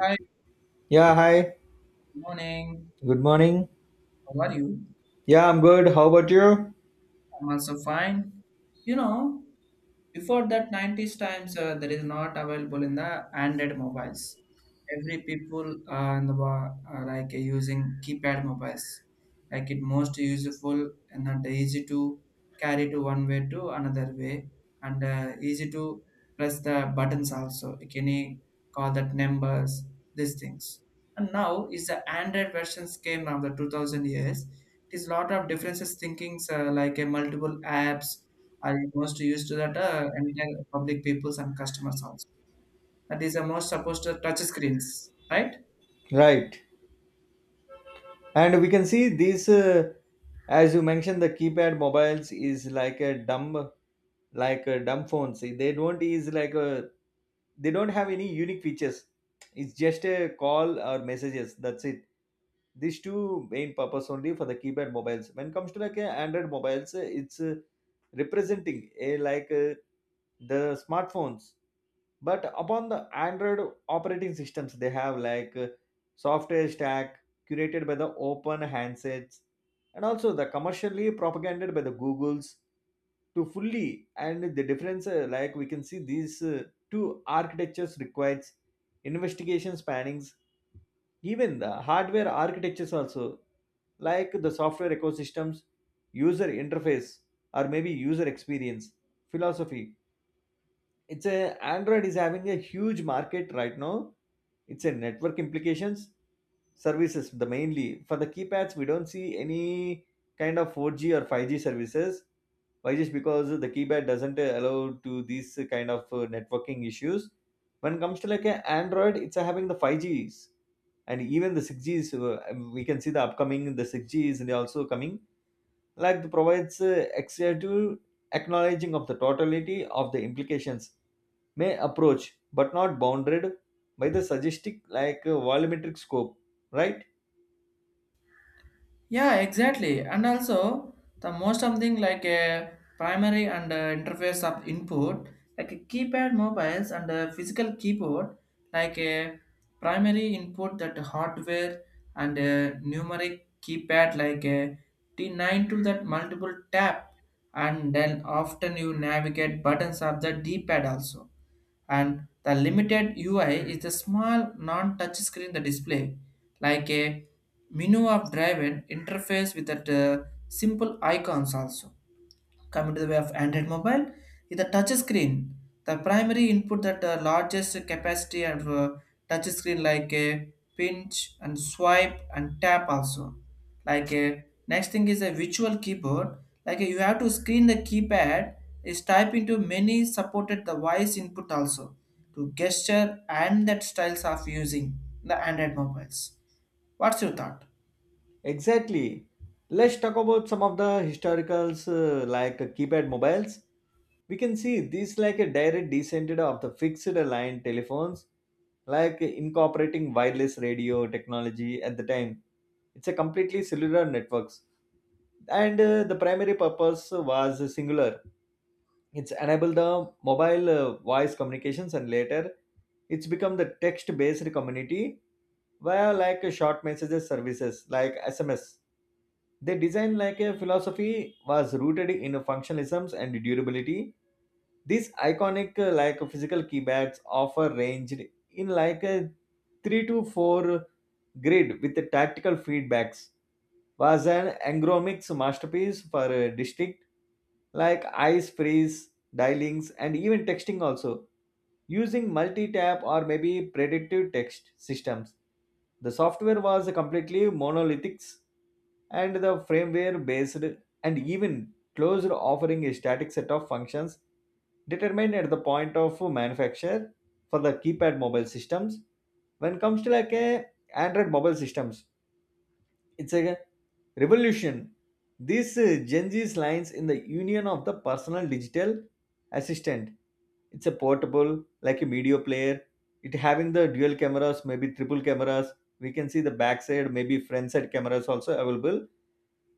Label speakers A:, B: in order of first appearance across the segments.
A: Hi,
B: Yeah, hi.
A: good morning.
B: Good morning.
A: How are you?
B: Yeah, I'm good. How about you?
A: I'm also fine. You know, Before that, 90s times, there is not available in the Android mobiles. Every people, in the are like using keypad mobiles. Like it most useful and that easy to carry to one way to another way and, easy to press the buttons also. You Can you call that numbers? These things. And now is the Android versions came of the 2000 years. It is lot of differences thinkings, like a multiple apps are most used to that, entire public peoples and customers also. That is the most supposed to touch screens, right?
B: Right. And we can see these, as you mentioned, the keypad mobiles is like a dumb phone. See, they don't is like a, they don't have any unique features. It's just a call or messages. That's it. These two main purpose only for the keypad mobiles. When it comes to like a Android mobiles, it's representing a like the smartphones, but upon the android operating systems they have like software stack curated by the open handsets and also the commercially propagated by the googles to fully, and the difference, like we can see these two architectures requires investigation spannings, even the hardware architectures also, like the software ecosystems, user interface or maybe user experience philosophy. It's a android is having a huge market right now. It's a network implications services. The mainly for the keypads we don't see any kind of 4G or 5G services. Why? Just because the keypad doesn't allow to these kind of networking issues. When it comes to like a android, it's having the 5Gs, and even the 6Gs, we can see the upcoming the 6 gs is also coming, like the provides extra acknowledging of the totality of the implications may approach, but not bounded by the suggestive like volumetric scope, right?
A: Yeah, exactly. And also the most something like a primary and, interface of input, like a keypad mobiles and a physical keyboard, like a primary input that hardware and a numeric keypad like a T9 to that multiple tap, and then often you navigate buttons of the D-pad also, and the limited UI is the small non-touch screen the display, like a menu of driven interface with the simple icons also. Coming to the way of Android mobile, is the touch screen. The primary input that the largest capacity of touch screen like a pinch and swipe and tap also. Like a next thing is a virtual keyboard. Like you have to screen the keypad is type into many supported the voice input also, to gesture and that styles of using the Android mobiles. What's your thought?
B: Exactly. Let's talk about some of the historicals, like keypad mobiles. We can see these like a direct descent of the fixed line telephones, like incorporating wireless radio technology at the time. It's a completely cellular networks. And the primary purpose was singular. It's enabled the mobile voice communications, and later it's become the text based community via like a short messages services like sms. They design like a philosophy was rooted in functionalisms and durability. These iconic, like physical keybags offer ranged in like a 3 to 4 grid with the tactical feedbacks, was an angromics masterpiece for a district like ice freeze, dialings, and even texting also. Using multi-tap or maybe predictive text systems, the software was completely monolithic and the firmware based and even closed, offering a static set of functions determined at the point of manufacture for the keypad mobile systems. When comes to like a Android mobile systems. It's a revolution. This Gen Z's lines in the union of the personal digital assistant. It's a portable, like a media player. It having the dual cameras, maybe triple cameras. We can see the backside, maybe front side cameras also available.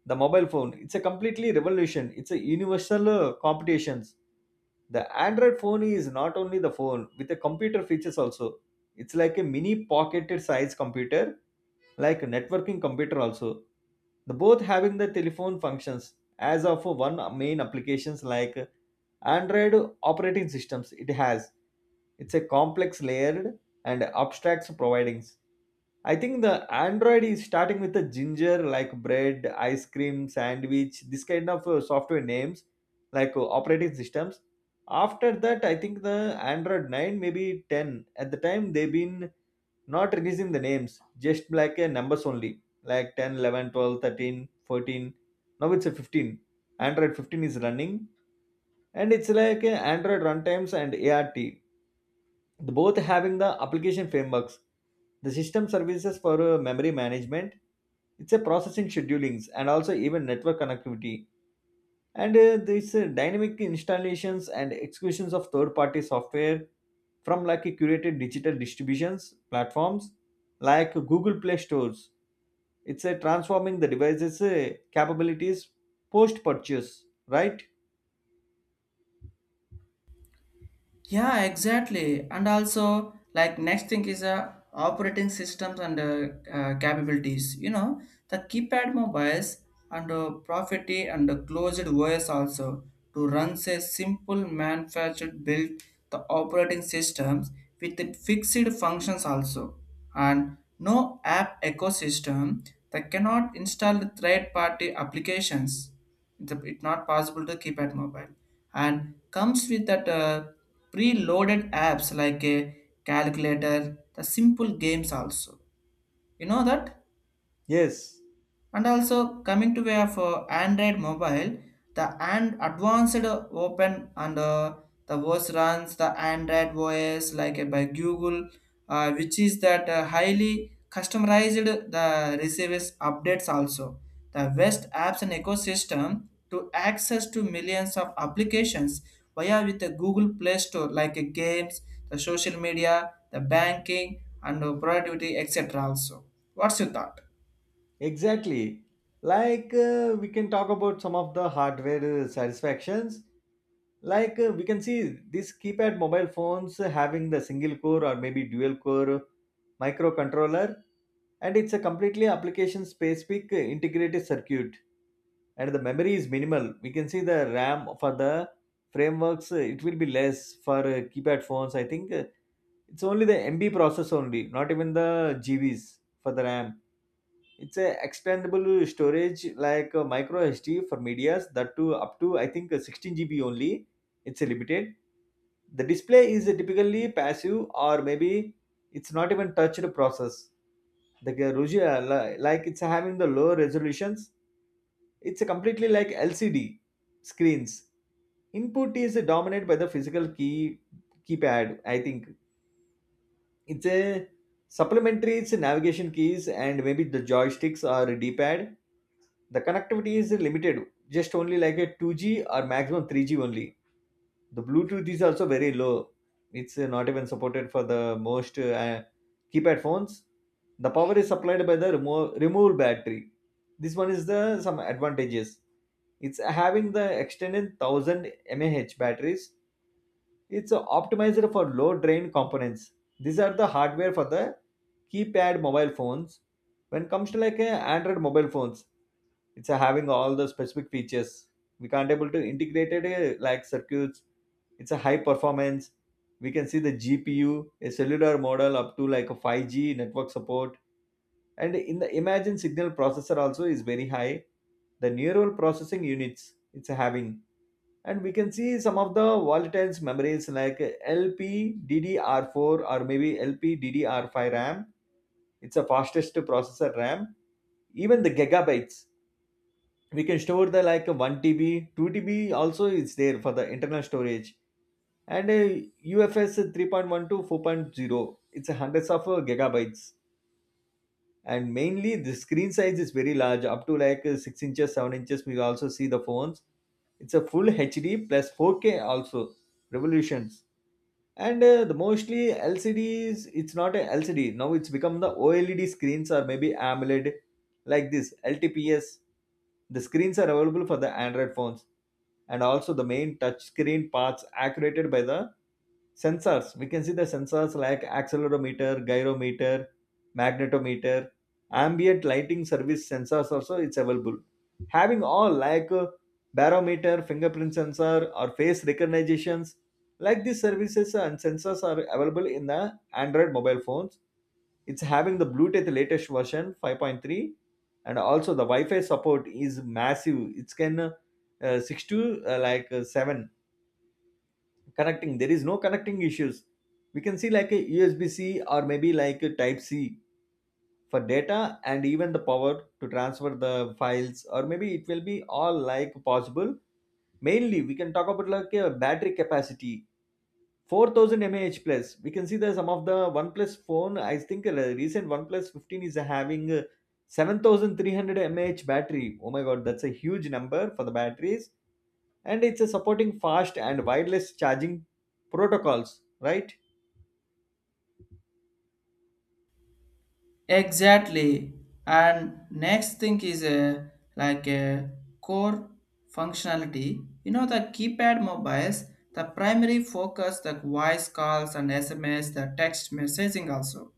B: The mobile phone. It's a completely revolution. It's a universal competitions. The Android phone is not only the phone with the computer features also, it's like a mini pocketed size computer, like a networking computer also. The both having the telephone functions as of one main applications like Android operating systems. It has. It's a complex layered and abstracts providings. I think the Android is starting with the ginger, like bread, ice cream, sandwich, this kind of software names, like operating systems. After that, I think the Android 9, maybe 10. At the time, they've been not releasing the names, just like numbers only, like 10, 11, 12, 13, 14. Now it's a 15. Android 15 is running, and it's like Android runtimes and ART, the both having the application frameworks, the system services for memory management. It's a processing schedulings, and also even network connectivity and these dynamic installations and executions of third party software from like a curated digital distributions platforms like google play stores. It's a transforming the devices capabilities post purchase, right?
A: Yeah, exactly. And also, like next thing is, operating systems and, capabilities. You know, the keypad mobiles and, property and the closed OS also, to run a simple manufactured build the operating systems with the fixed functions also, and no app ecosystem that cannot install the third-party applications. It's not possible to keypad mobile, and comes with that. Preloaded apps like a calculator the simple games also, you know that.
B: Yes.
A: And also coming to way of Android mobile, the and advanced, open and, the OS runs the Android OS like by Google, which is that highly customized the receives updates also. The West apps and ecosystem to access to millions of applications via with the Google Play Store, like games, the social media, the banking and, productivity etc. Also, what's your thought?
B: Exactly. Like we can talk about some of the hardware satisfactions. Like we can see these keypad mobile phones having the single core or maybe dual core microcontroller, and it's a completely application specific integrated circuit. And the memory is minimal. We can see the RAM for the frameworks. It will be less for keypad phones. I think it's only the MB process only, not even the GBs for the RAM. It's a extendable storage like a micro SD for medias that too up to, I think, 16 GB only. It's a limited. The display is typically passive or maybe it's not even touched process. The Rugia, like it's having the low resolutions. It's a completely like LCD screens. Input is dominated by the physical keypad, I think. It's a supplementary, it's navigation keys and maybe the joysticks or d d-pad. The connectivity is limited, just only like a 2G or maximum 3G only. The bluetooth is also very low, it's not even supported for the most keypad phones. The power is supplied by the removable battery. This one is the some advantages, it's having the extended 1,000 mAh batteries. It's optimized for low drain components. These are the hardware for the keypad mobile phones. When comes to like a Android mobile phones, it's a having all the specific features. We can't able to integrate it, like circuits. It's a high performance. We can see the GPU, a cellular model up to like a 5G network support. And in the imagine signal processor also is very high. The neural processing units it's having, and we can see some of the volatiles memories like LPDDR4 or maybe LPDDR5 RAM. It's the fastest processor RAM. Even the gigabytes, we can store the like 1 TB, 2 TB also is there for the internal storage. And UFS 3.1 to four point zero. It's hundreds of gigabytes, and mainly the screen size is very large up to like 6 inches 7 inches, we also see the phones. It's a full hd plus 4K also revolutions. And the mostly lcds, it's not a lcd now, it's become the oled screens or maybe amoled, like this ltps, the screens are available for the android phones. And also the main touch screen parts accurated by the sensors, we can see the sensors like accelerometer, gyrometer, magnetometer, ambient lighting service sensors also it's available. Having all like barometer, fingerprint sensor or face recognitions, like these services and sensors are available in the Android mobile phones. It's having the Bluetooth latest version 5.3, and also the Wi-Fi support is massive. It can six to like seven connecting, there is no connecting issues. We can see like a usb-c or maybe like a type c for data and even the power to transfer the files, or maybe it will be all like possible. Mainly we can talk about like a battery capacity 4,000 mAh plus, we can see that some of the oneplus phone, I think the recent oneplus 15 is having a 7,300 mAh battery. Oh my god, that's a huge number for the batteries, and it's a supporting fast and wireless charging protocols, right?
A: Exactly. And next thing is a like a core functionality. You know the keypad mobiles, the primary focus, the voice calls and SMS, the text messaging also,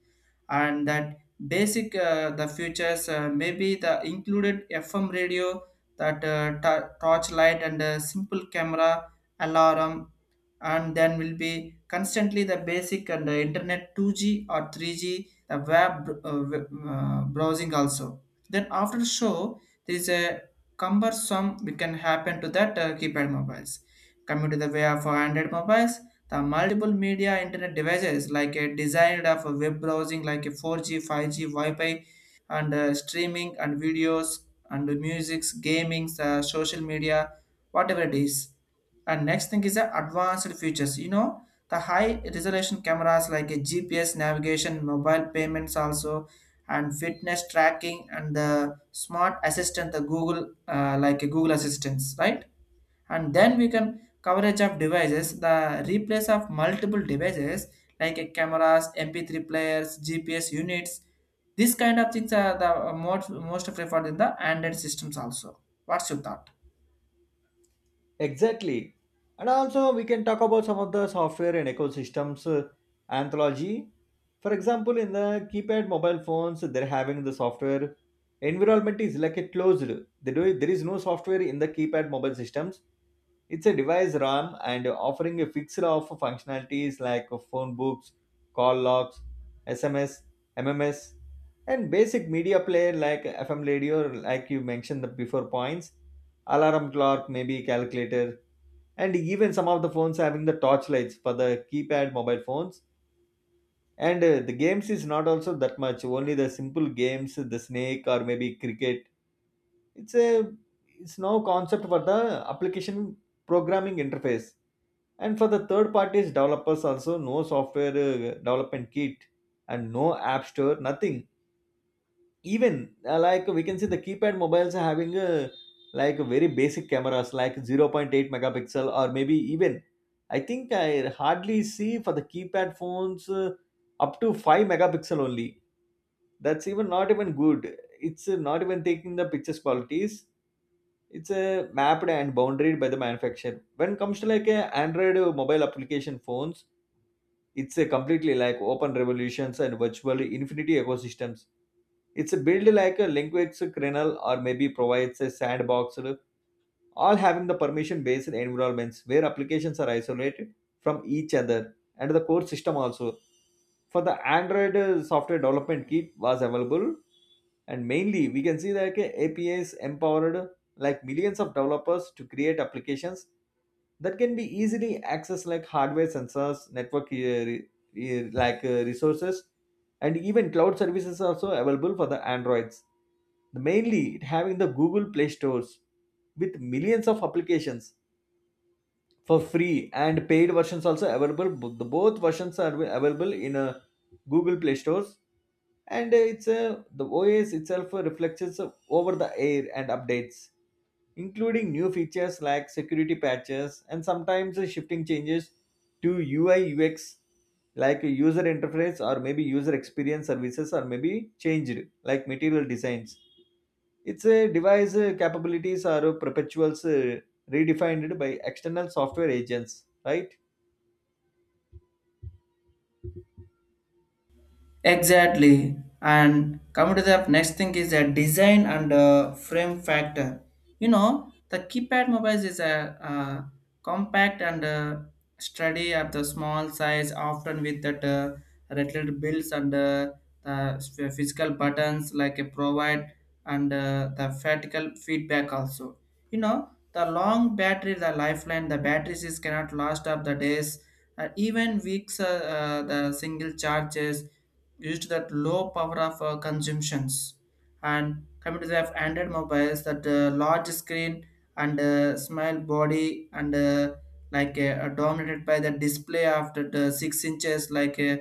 A: and that basic, the features, maybe the included FM radio, that torchlight and, simple camera, alarm, and then will be constantly the basic and the internet 2G or 3G, the web, browsing also. Then after show there is a cumbersome we can happen to that, keypad mobiles. Coming to the way of android mobiles, the multiple media internet devices like a designed of a web browsing like a 4G 5G wi-fi, and, streaming and videos and musics, gaming, social media, whatever it is. And next thing is the advanced features. You know, the high resolution cameras like a GPS navigation, mobile payments also, and fitness tracking, and the smart assistant, the like a Google Assistants, right? And then we can coverage of devices, the replace of multiple devices like a cameras, MP3 players, GPS units. These kind of things are the most preferred in the Android systems also. What's your thought?
B: Exactly. And also, we can talk about some of the software and ecosystems, anthology. For example, in the keypad mobile phones, they're having the software environment is like a closed. They do, there is no software in the keypad mobile systems. It's a device RAM and offering a fixed of functionalities like phone books, call logs, SMS, MMS, and basic media player like FM radio, like you mentioned the before points, alarm clock, maybe calculator, and even some of the phones having the torch lights for the keypad mobile phones. And the games is not also that much, only the simple games, the snake or maybe cricket. It's a it's now concept for the application programming interface, and for the third parties developers also. No software development kit, and no app store, nothing. Even, like, we can see the keypad mobiles are having a like very basic cameras like zero point 0.8 megapixel, or maybe even, I think I hardly see for the keypad phones, up to 5 megapixel only. That's even not even good. It's not even taking the pictures qualities. It's mapped and bounded by the manufacturer. When it comes to like a Android mobile application phones, it's a completely like open revolutions and virtually infinity ecosystems. It's a build like a language kernel, or maybe provides a sandbox, all having the permission based environments where applications are isolated from each other and the core system also. For the Android software development kit was available, and mainly we can see that okay, APIs empowered, like millions of developers to create applications that can be easily accessed like hardware sensors, network like resources, and even cloud services are also available for the Androids. The mainly it having the Google Play Stores with millions of applications for free and paid versions also available. The both versions are available in a Google Play stores, and it's a the OS itself reflects its, over the air and updates, including new features like security patches and sometimes shifting changes to UI UX, like user interface or maybe user experience services, or maybe changed like material designs. It's a device capabilities are perpetuals redefined by external software agents, right?
A: Exactly. And coming to the next thing is a design and, frame factor. You know, the keypad mobiles is a, compact and, sturdy at the small size, often with that, rattled builds and, the physical buttons like a provide and, the vertical feedback also. You know, the long battery, the lifeline, the batteries is cannot last up the days, even weeks. The single charges used that low power of, consumptions. And coming to the android mobiles that, large screen and, small body and, dominated by the display of the 6 inches, like uh,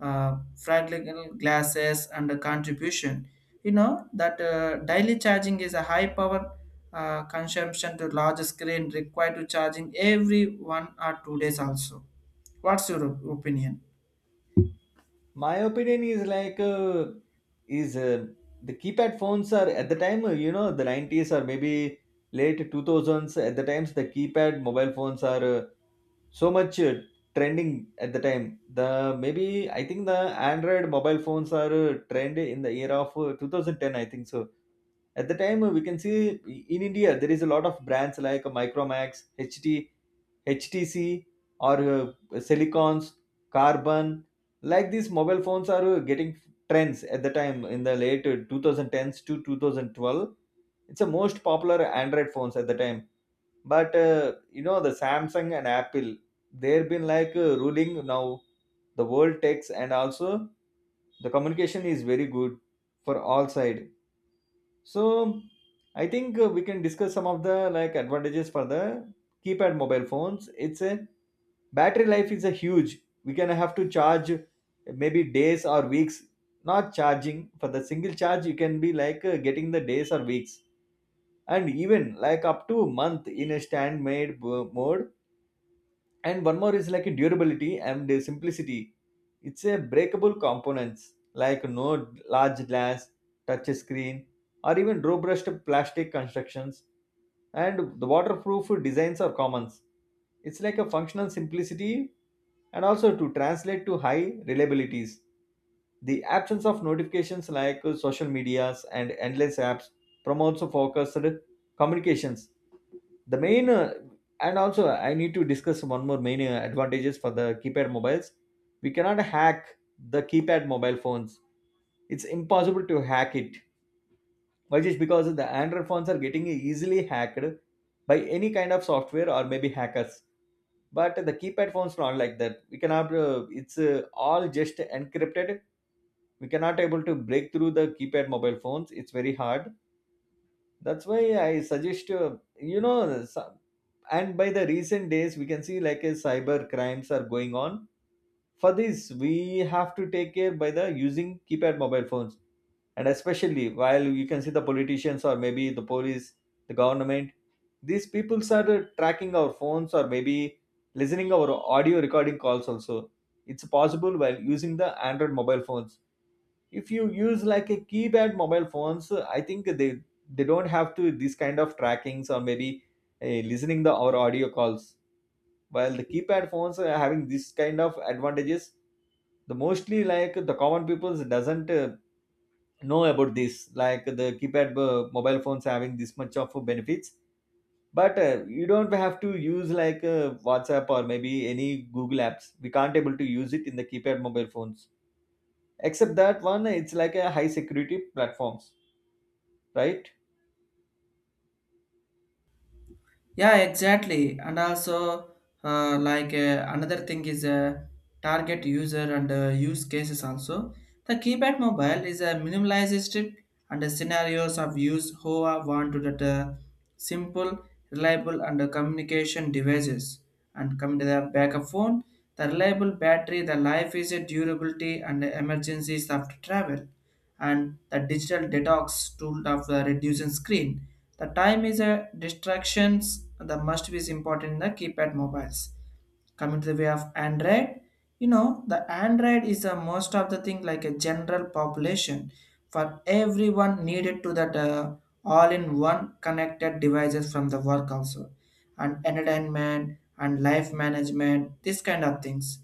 A: uh, fragile glasses and the contribution, you know that, daily charging is a high power, consumption to large screen required to charging every 1 or 2 days also. What's your opinion?
B: My opinion is is uh, the keypad phones are at the time you know, the 90s or maybe late 2000s. At the times, the keypad mobile phones are so much trending at the time. The maybe i think the android mobile phones are trend in the year of 2010, I think so. At the time, we can see in India there is a lot of brands like Micromax, ht HTC, or silicons, carbon. Like these mobile phones are getting trends at the time in the late 2010s to 2012. It's the most popular android phones at the time. But you know, the Samsung and Apple, they've been ruling now the world techs, and also the communication is very good for all side. So I think we can discuss some of the like advantages for the keypad mobile phones. It's a battery life is a huge. We can have to charge maybe days or weeks. Not charging for the single charge, you can be getting the days or weeks, and even like up to month in a stand made mode. And one more is like a durability and the simplicity. It's a breakable components like no large glass touch screen, or even robust plastic constructions, and the waterproof designs are commons. It's like a functional simplicity, and also to translate to high reliabilities. The absence of notifications like social medias and endless apps promotes focused communications. The main uh, and also I need to discuss one more main advantages for the keypad mobiles. We cannot hack the keypad mobile phones. It's impossible to hack it. Why? Just because the android phones are getting easily hacked by any kind of software or maybe hackers, but the keypad phones not like that. We cannot uh, it's uh, all just encrypted. We cannot able to break through the keypad mobile phones. It's very hard. That's why I suggest you know some, and by the recent days we can see like a cyber crimes are going on. For this we have to take care by the using keypad mobile phones. And especially, while you can see, the politicians or maybe the police, the government, these people are tracking our phones, or maybe listening our audio recording calls also. It's possible while using the android mobile phones. If you use like a keypad mobile phones, I think they don't have to these kind of trackings, or maybe listening the our audio calls. While the keypad phones are having this kind of advantages, the mostly like the common people doesn't know about this, like the keypad mobile phones having this much of benefits. But you don't have to use like WhatsApp or maybe any Google apps. We can't able to use it in the keypad mobile phones. Except that one, it's like a high security platforms, right?
A: Yeah, exactly. And also, another thing is, target user and, use cases also. The keypad mobile is a minimalized strip and the scenarios of use who are want to that, simple, reliable, and, communication devices. And coming to the backup phone, the reliable battery, the life is a durability and the emergencies of travel and the digital detox tool of the reducing screen. The time is a distractions that must be important in the keypad mobiles. Coming to the way of android, you know the android is a most of the thing like a general population, for everyone needed to that, all in one connected devices from the work also, and entertainment and life management, this kind of things.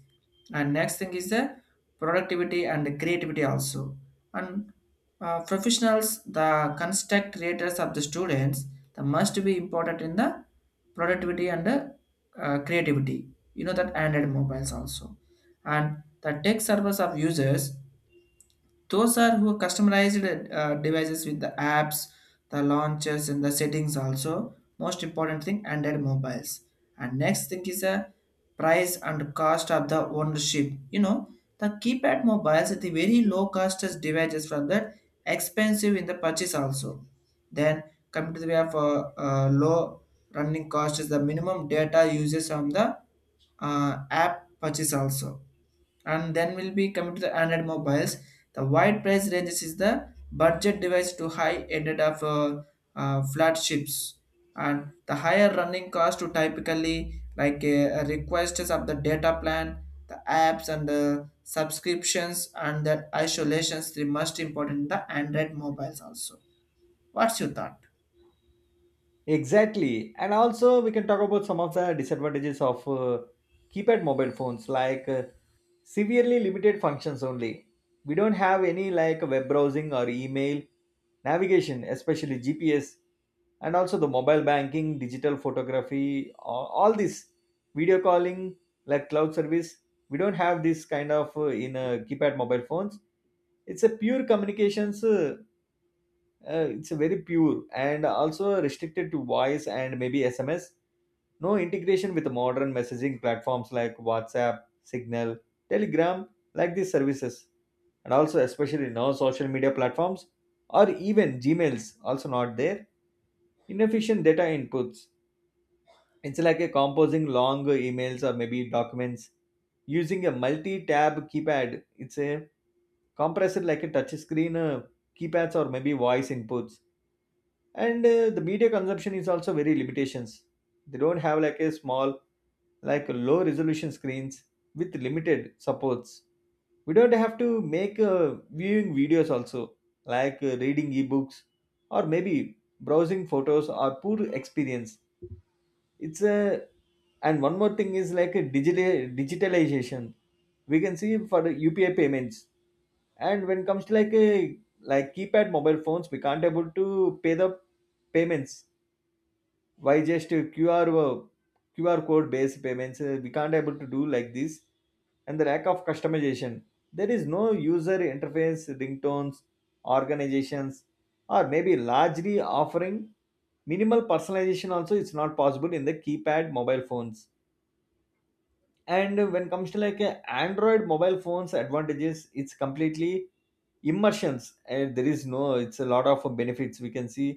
A: And next thing is the productivity and the creativity also, and, professionals the construct creators of the students, the must be important in the productivity and the, creativity, you know, that android mobiles also. And the tech servers of users those are who customized, devices with the apps, the launches and the settings also, most important thing android mobiles. And next thing is a price and cost of the ownership. You know, the keypad mobiles are the very low cost as devices from that expensive in the purchase also. Then coming to the way of low running cost is the minimum data uses on the, app purchase also. And then will be coming to the android mobiles, the wide price ranges is the budget device to high ended of, flagships, and the higher running cost to typically like, requests of the data plan, the apps and the subscriptions and that isolations, the most important in the android mobiles also. What's your thought?
B: Exactly. And also, we can talk about some of the disadvantages of keypad mobile phones, like severely limited functions only. We don't have any like web browsing or email, navigation, especially GPS, and also the mobile banking, digital photography, all this, video calling, like cloud service. We don't have this kind of in keypad mobile phones. It's a pure communications. It's very pure and also restricted to voice and maybe SMS. No integration with modern messaging platforms like WhatsApp, Signal, Telegram, like these services. And also especially now social media platforms or even Gmails also not there. Inefficient data inputs. It's like a composing long emails or maybe documents using a multi-tab keypad. It's a compressor like a touch screen keypads or maybe voice inputs. And the media consumption is also very limitations. They don't have like a small, like low resolution screens with limited supports. We don't have to make viewing videos also, like reading ebooks, or maybe browsing photos, or poor experience. It's a And one more thing is like a digital digitalization. We can see for the UPI payments. And when it comes to like a like keypad mobile phones, we can't able to pay the payments. Why? Just QR code based payments we can't able to do like this. And the lack of customization. There is no user interface, ringtones, organizations, or maybe largely offering minimal personalization also. It's not possible in the keypad mobile phones. And when comes to like a android mobile phones advantages, it's completely immersions, and there is no, it's a lot of benefits we can see.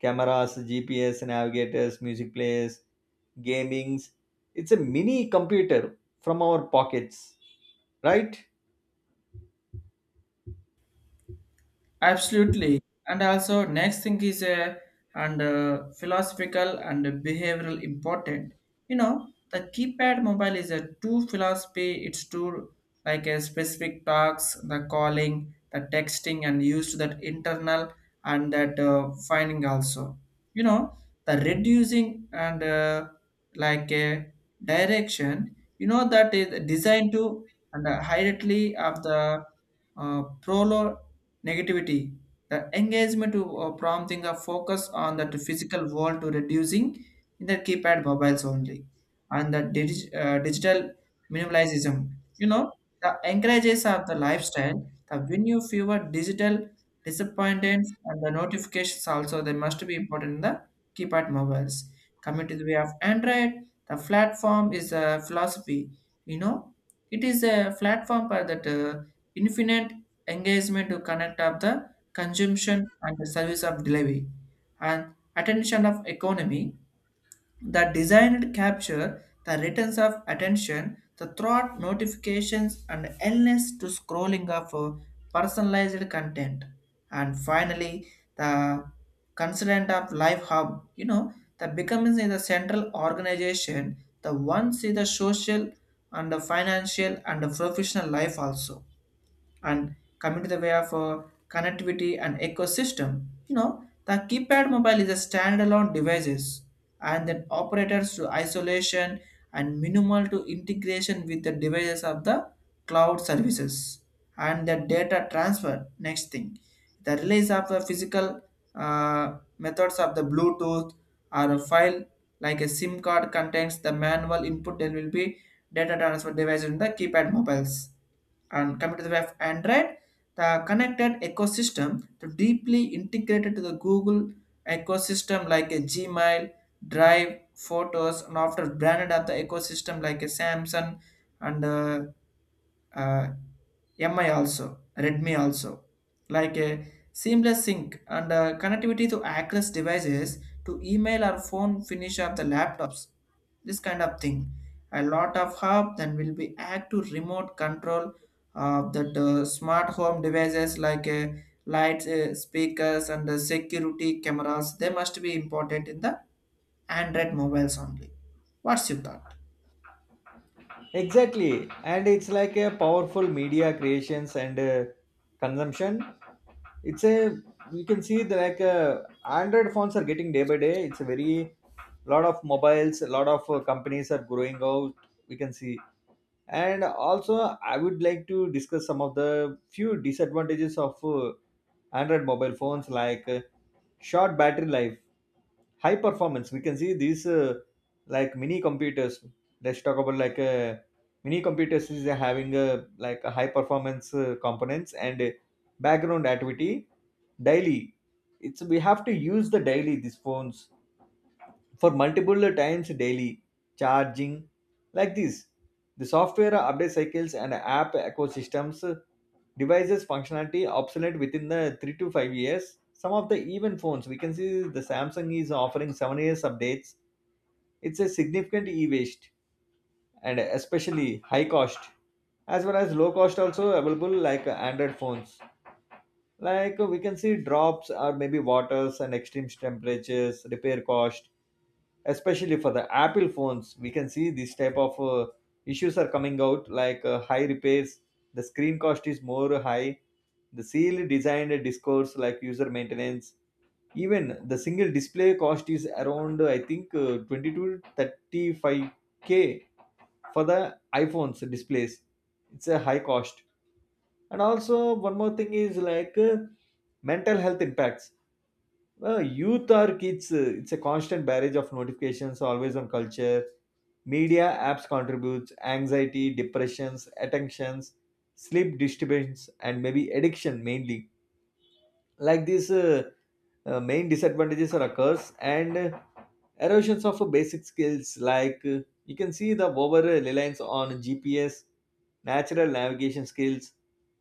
B: Cameras, GPS navigators, music players, gamings. It's a mini computer from our pockets, right?
A: Absolutely. And also, next thing is a and, philosophical and behavioral important. You know, the keypad mobile is a two philosophy. It's two like a specific talks, the calling, the texting, and used that internal and that, finding also. You know, the reducing and, like a direction. You know that is designed to and, highly of the, prolo negativity the engagement to, prompting a focus on that physical world to reducing in the keypad mobiles only. And the digital minimalism, you know, the encourages of the lifestyle the when you fewer digital disappointments and the notifications also, they must be important in the keypad mobiles. Coming to the way of android, the platform is a philosophy. You know, it is a platform for that, infinite engagement to connect up the consumption and the service of delivery and attention of economy that designed capture the returns of attention, the thought notifications and endless to scrolling of, personalized content. And finally, the consultant of life hub, you know, the becoming is a central organization the one see the social and the financial and the professional life also. And coming to the way of, connectivity and ecosystem, you know the keypad mobile is a standalone devices and then operators to isolation and minimal to integration with the devices of the cloud services and the data transfer. Next thing, the release of the physical, methods of the bluetooth or a file, like a sim card contains the manual input, there will be data transfer device in the keypad mobiles. And coming to the web android, the connected ecosystem to deeply integrated to the google ecosystem like a gmail, drive, photos, and after branded at the ecosystem like a samsung and, uh, MI also, Redmi also, like a seamless sync and, connectivity to access devices to email or phone finish of the laptops. This kind of thing. A lot of hub, then will be act to remote control of that, smart home devices like, lights, speakers, and, security cameras. They must be imported in the Android mobiles only. What's your thought?
B: Exactly. And it's like a powerful media creations and consumption. It's a You can see the like Android phones are getting day by day. It's a very lot of mobiles, a lot of companies are growing out, we can see. And also, I would like to discuss some of the few disadvantages of Android mobile phones like short battery life, high performance. We can see these like mini computers. Let's talk about mini computers is having a like a high performance components, and background activity daily. It's we have to use the daily these phones for multiple times daily charging, like this. The software update cycles and app ecosystems, devices functionality obsolete within the 3 to 5 years. Some of the even phones we can see, the Samsung is offering 7 years updates. It's a significant e-waste. And especially high cost, as well as low cost also available like android phones. Like we can see drops, or maybe waters, and extreme temperatures, repair cost. Especially for the Apple phones we can see this type of issues are coming out like high repairs. The screen cost is more high. The seal designed discourse like user maintenance. Even the single display cost is around , I think, 22 to 35k for the iPhones displays. It's a high cost. And also one more thing is like mental health impacts. Well, youth or kids, it's a constant barrage of notifications, always on culture. Media apps contributes anxiety, depressions, attentions, sleep disturbance, and maybe addiction mainly. Like this, main disadvantages are occurs, and erosions of basic skills, like you can see the over reliance on GPS, natural navigation skills,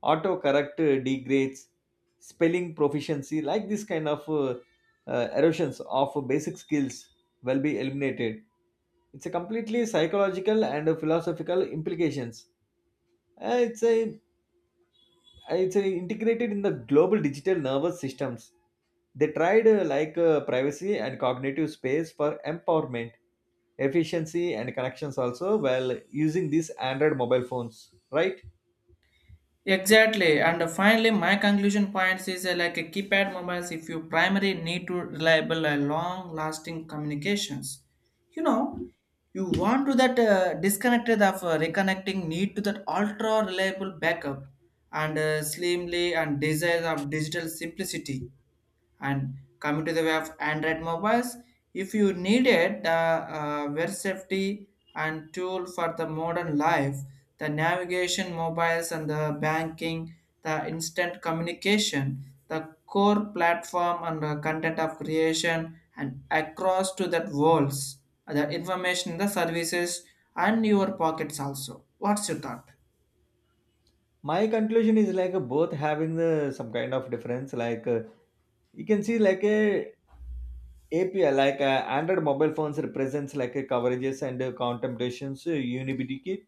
B: autocorrect degrades, spelling proficiency, like this kind of erosions of basic skills will be eliminated. It's a completely psychological and philosophical implications. Uh, It's a it's a integrated in the global digital nervous systems. They tried like privacy and cognitive space for empowerment, efficiency, and connections also while using these Android mobile phones, right?
A: Exactly, and finally, my conclusion points is, like a keypad mobiles. If you primary need to reliable and long-lasting communications, you know, you want to that, disconnected of, reconnecting need to that ultra reliable backup and, slimly and desire of digital simplicity. And coming to the way of Android mobiles, if you needed the, web safety and tool for the modern life, the navigation mobiles and the banking, the instant communication, the core platform and the content of creation and across to that worlds, the information, the services and your pockets also. What's your thought?
B: My conclusion is like both having the some kind of difference. Like you can see like a API, like Android mobile phones represents like a coverages and contemplations unity,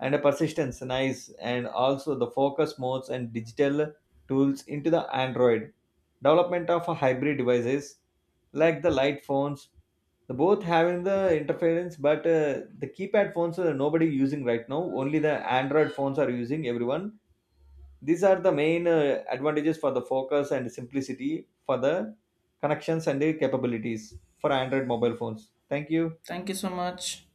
B: and a persistence nice. And also the focus modes and digital tools into the android, development of hybrid devices like the light phones. The both having the interference, but the keypad phones are nobody using right now. Only the android phones are using everyone. These are the main advantages for the focus and simplicity, for the connections and the capabilities for android mobile phones. Thank you.
A: Thank you so much.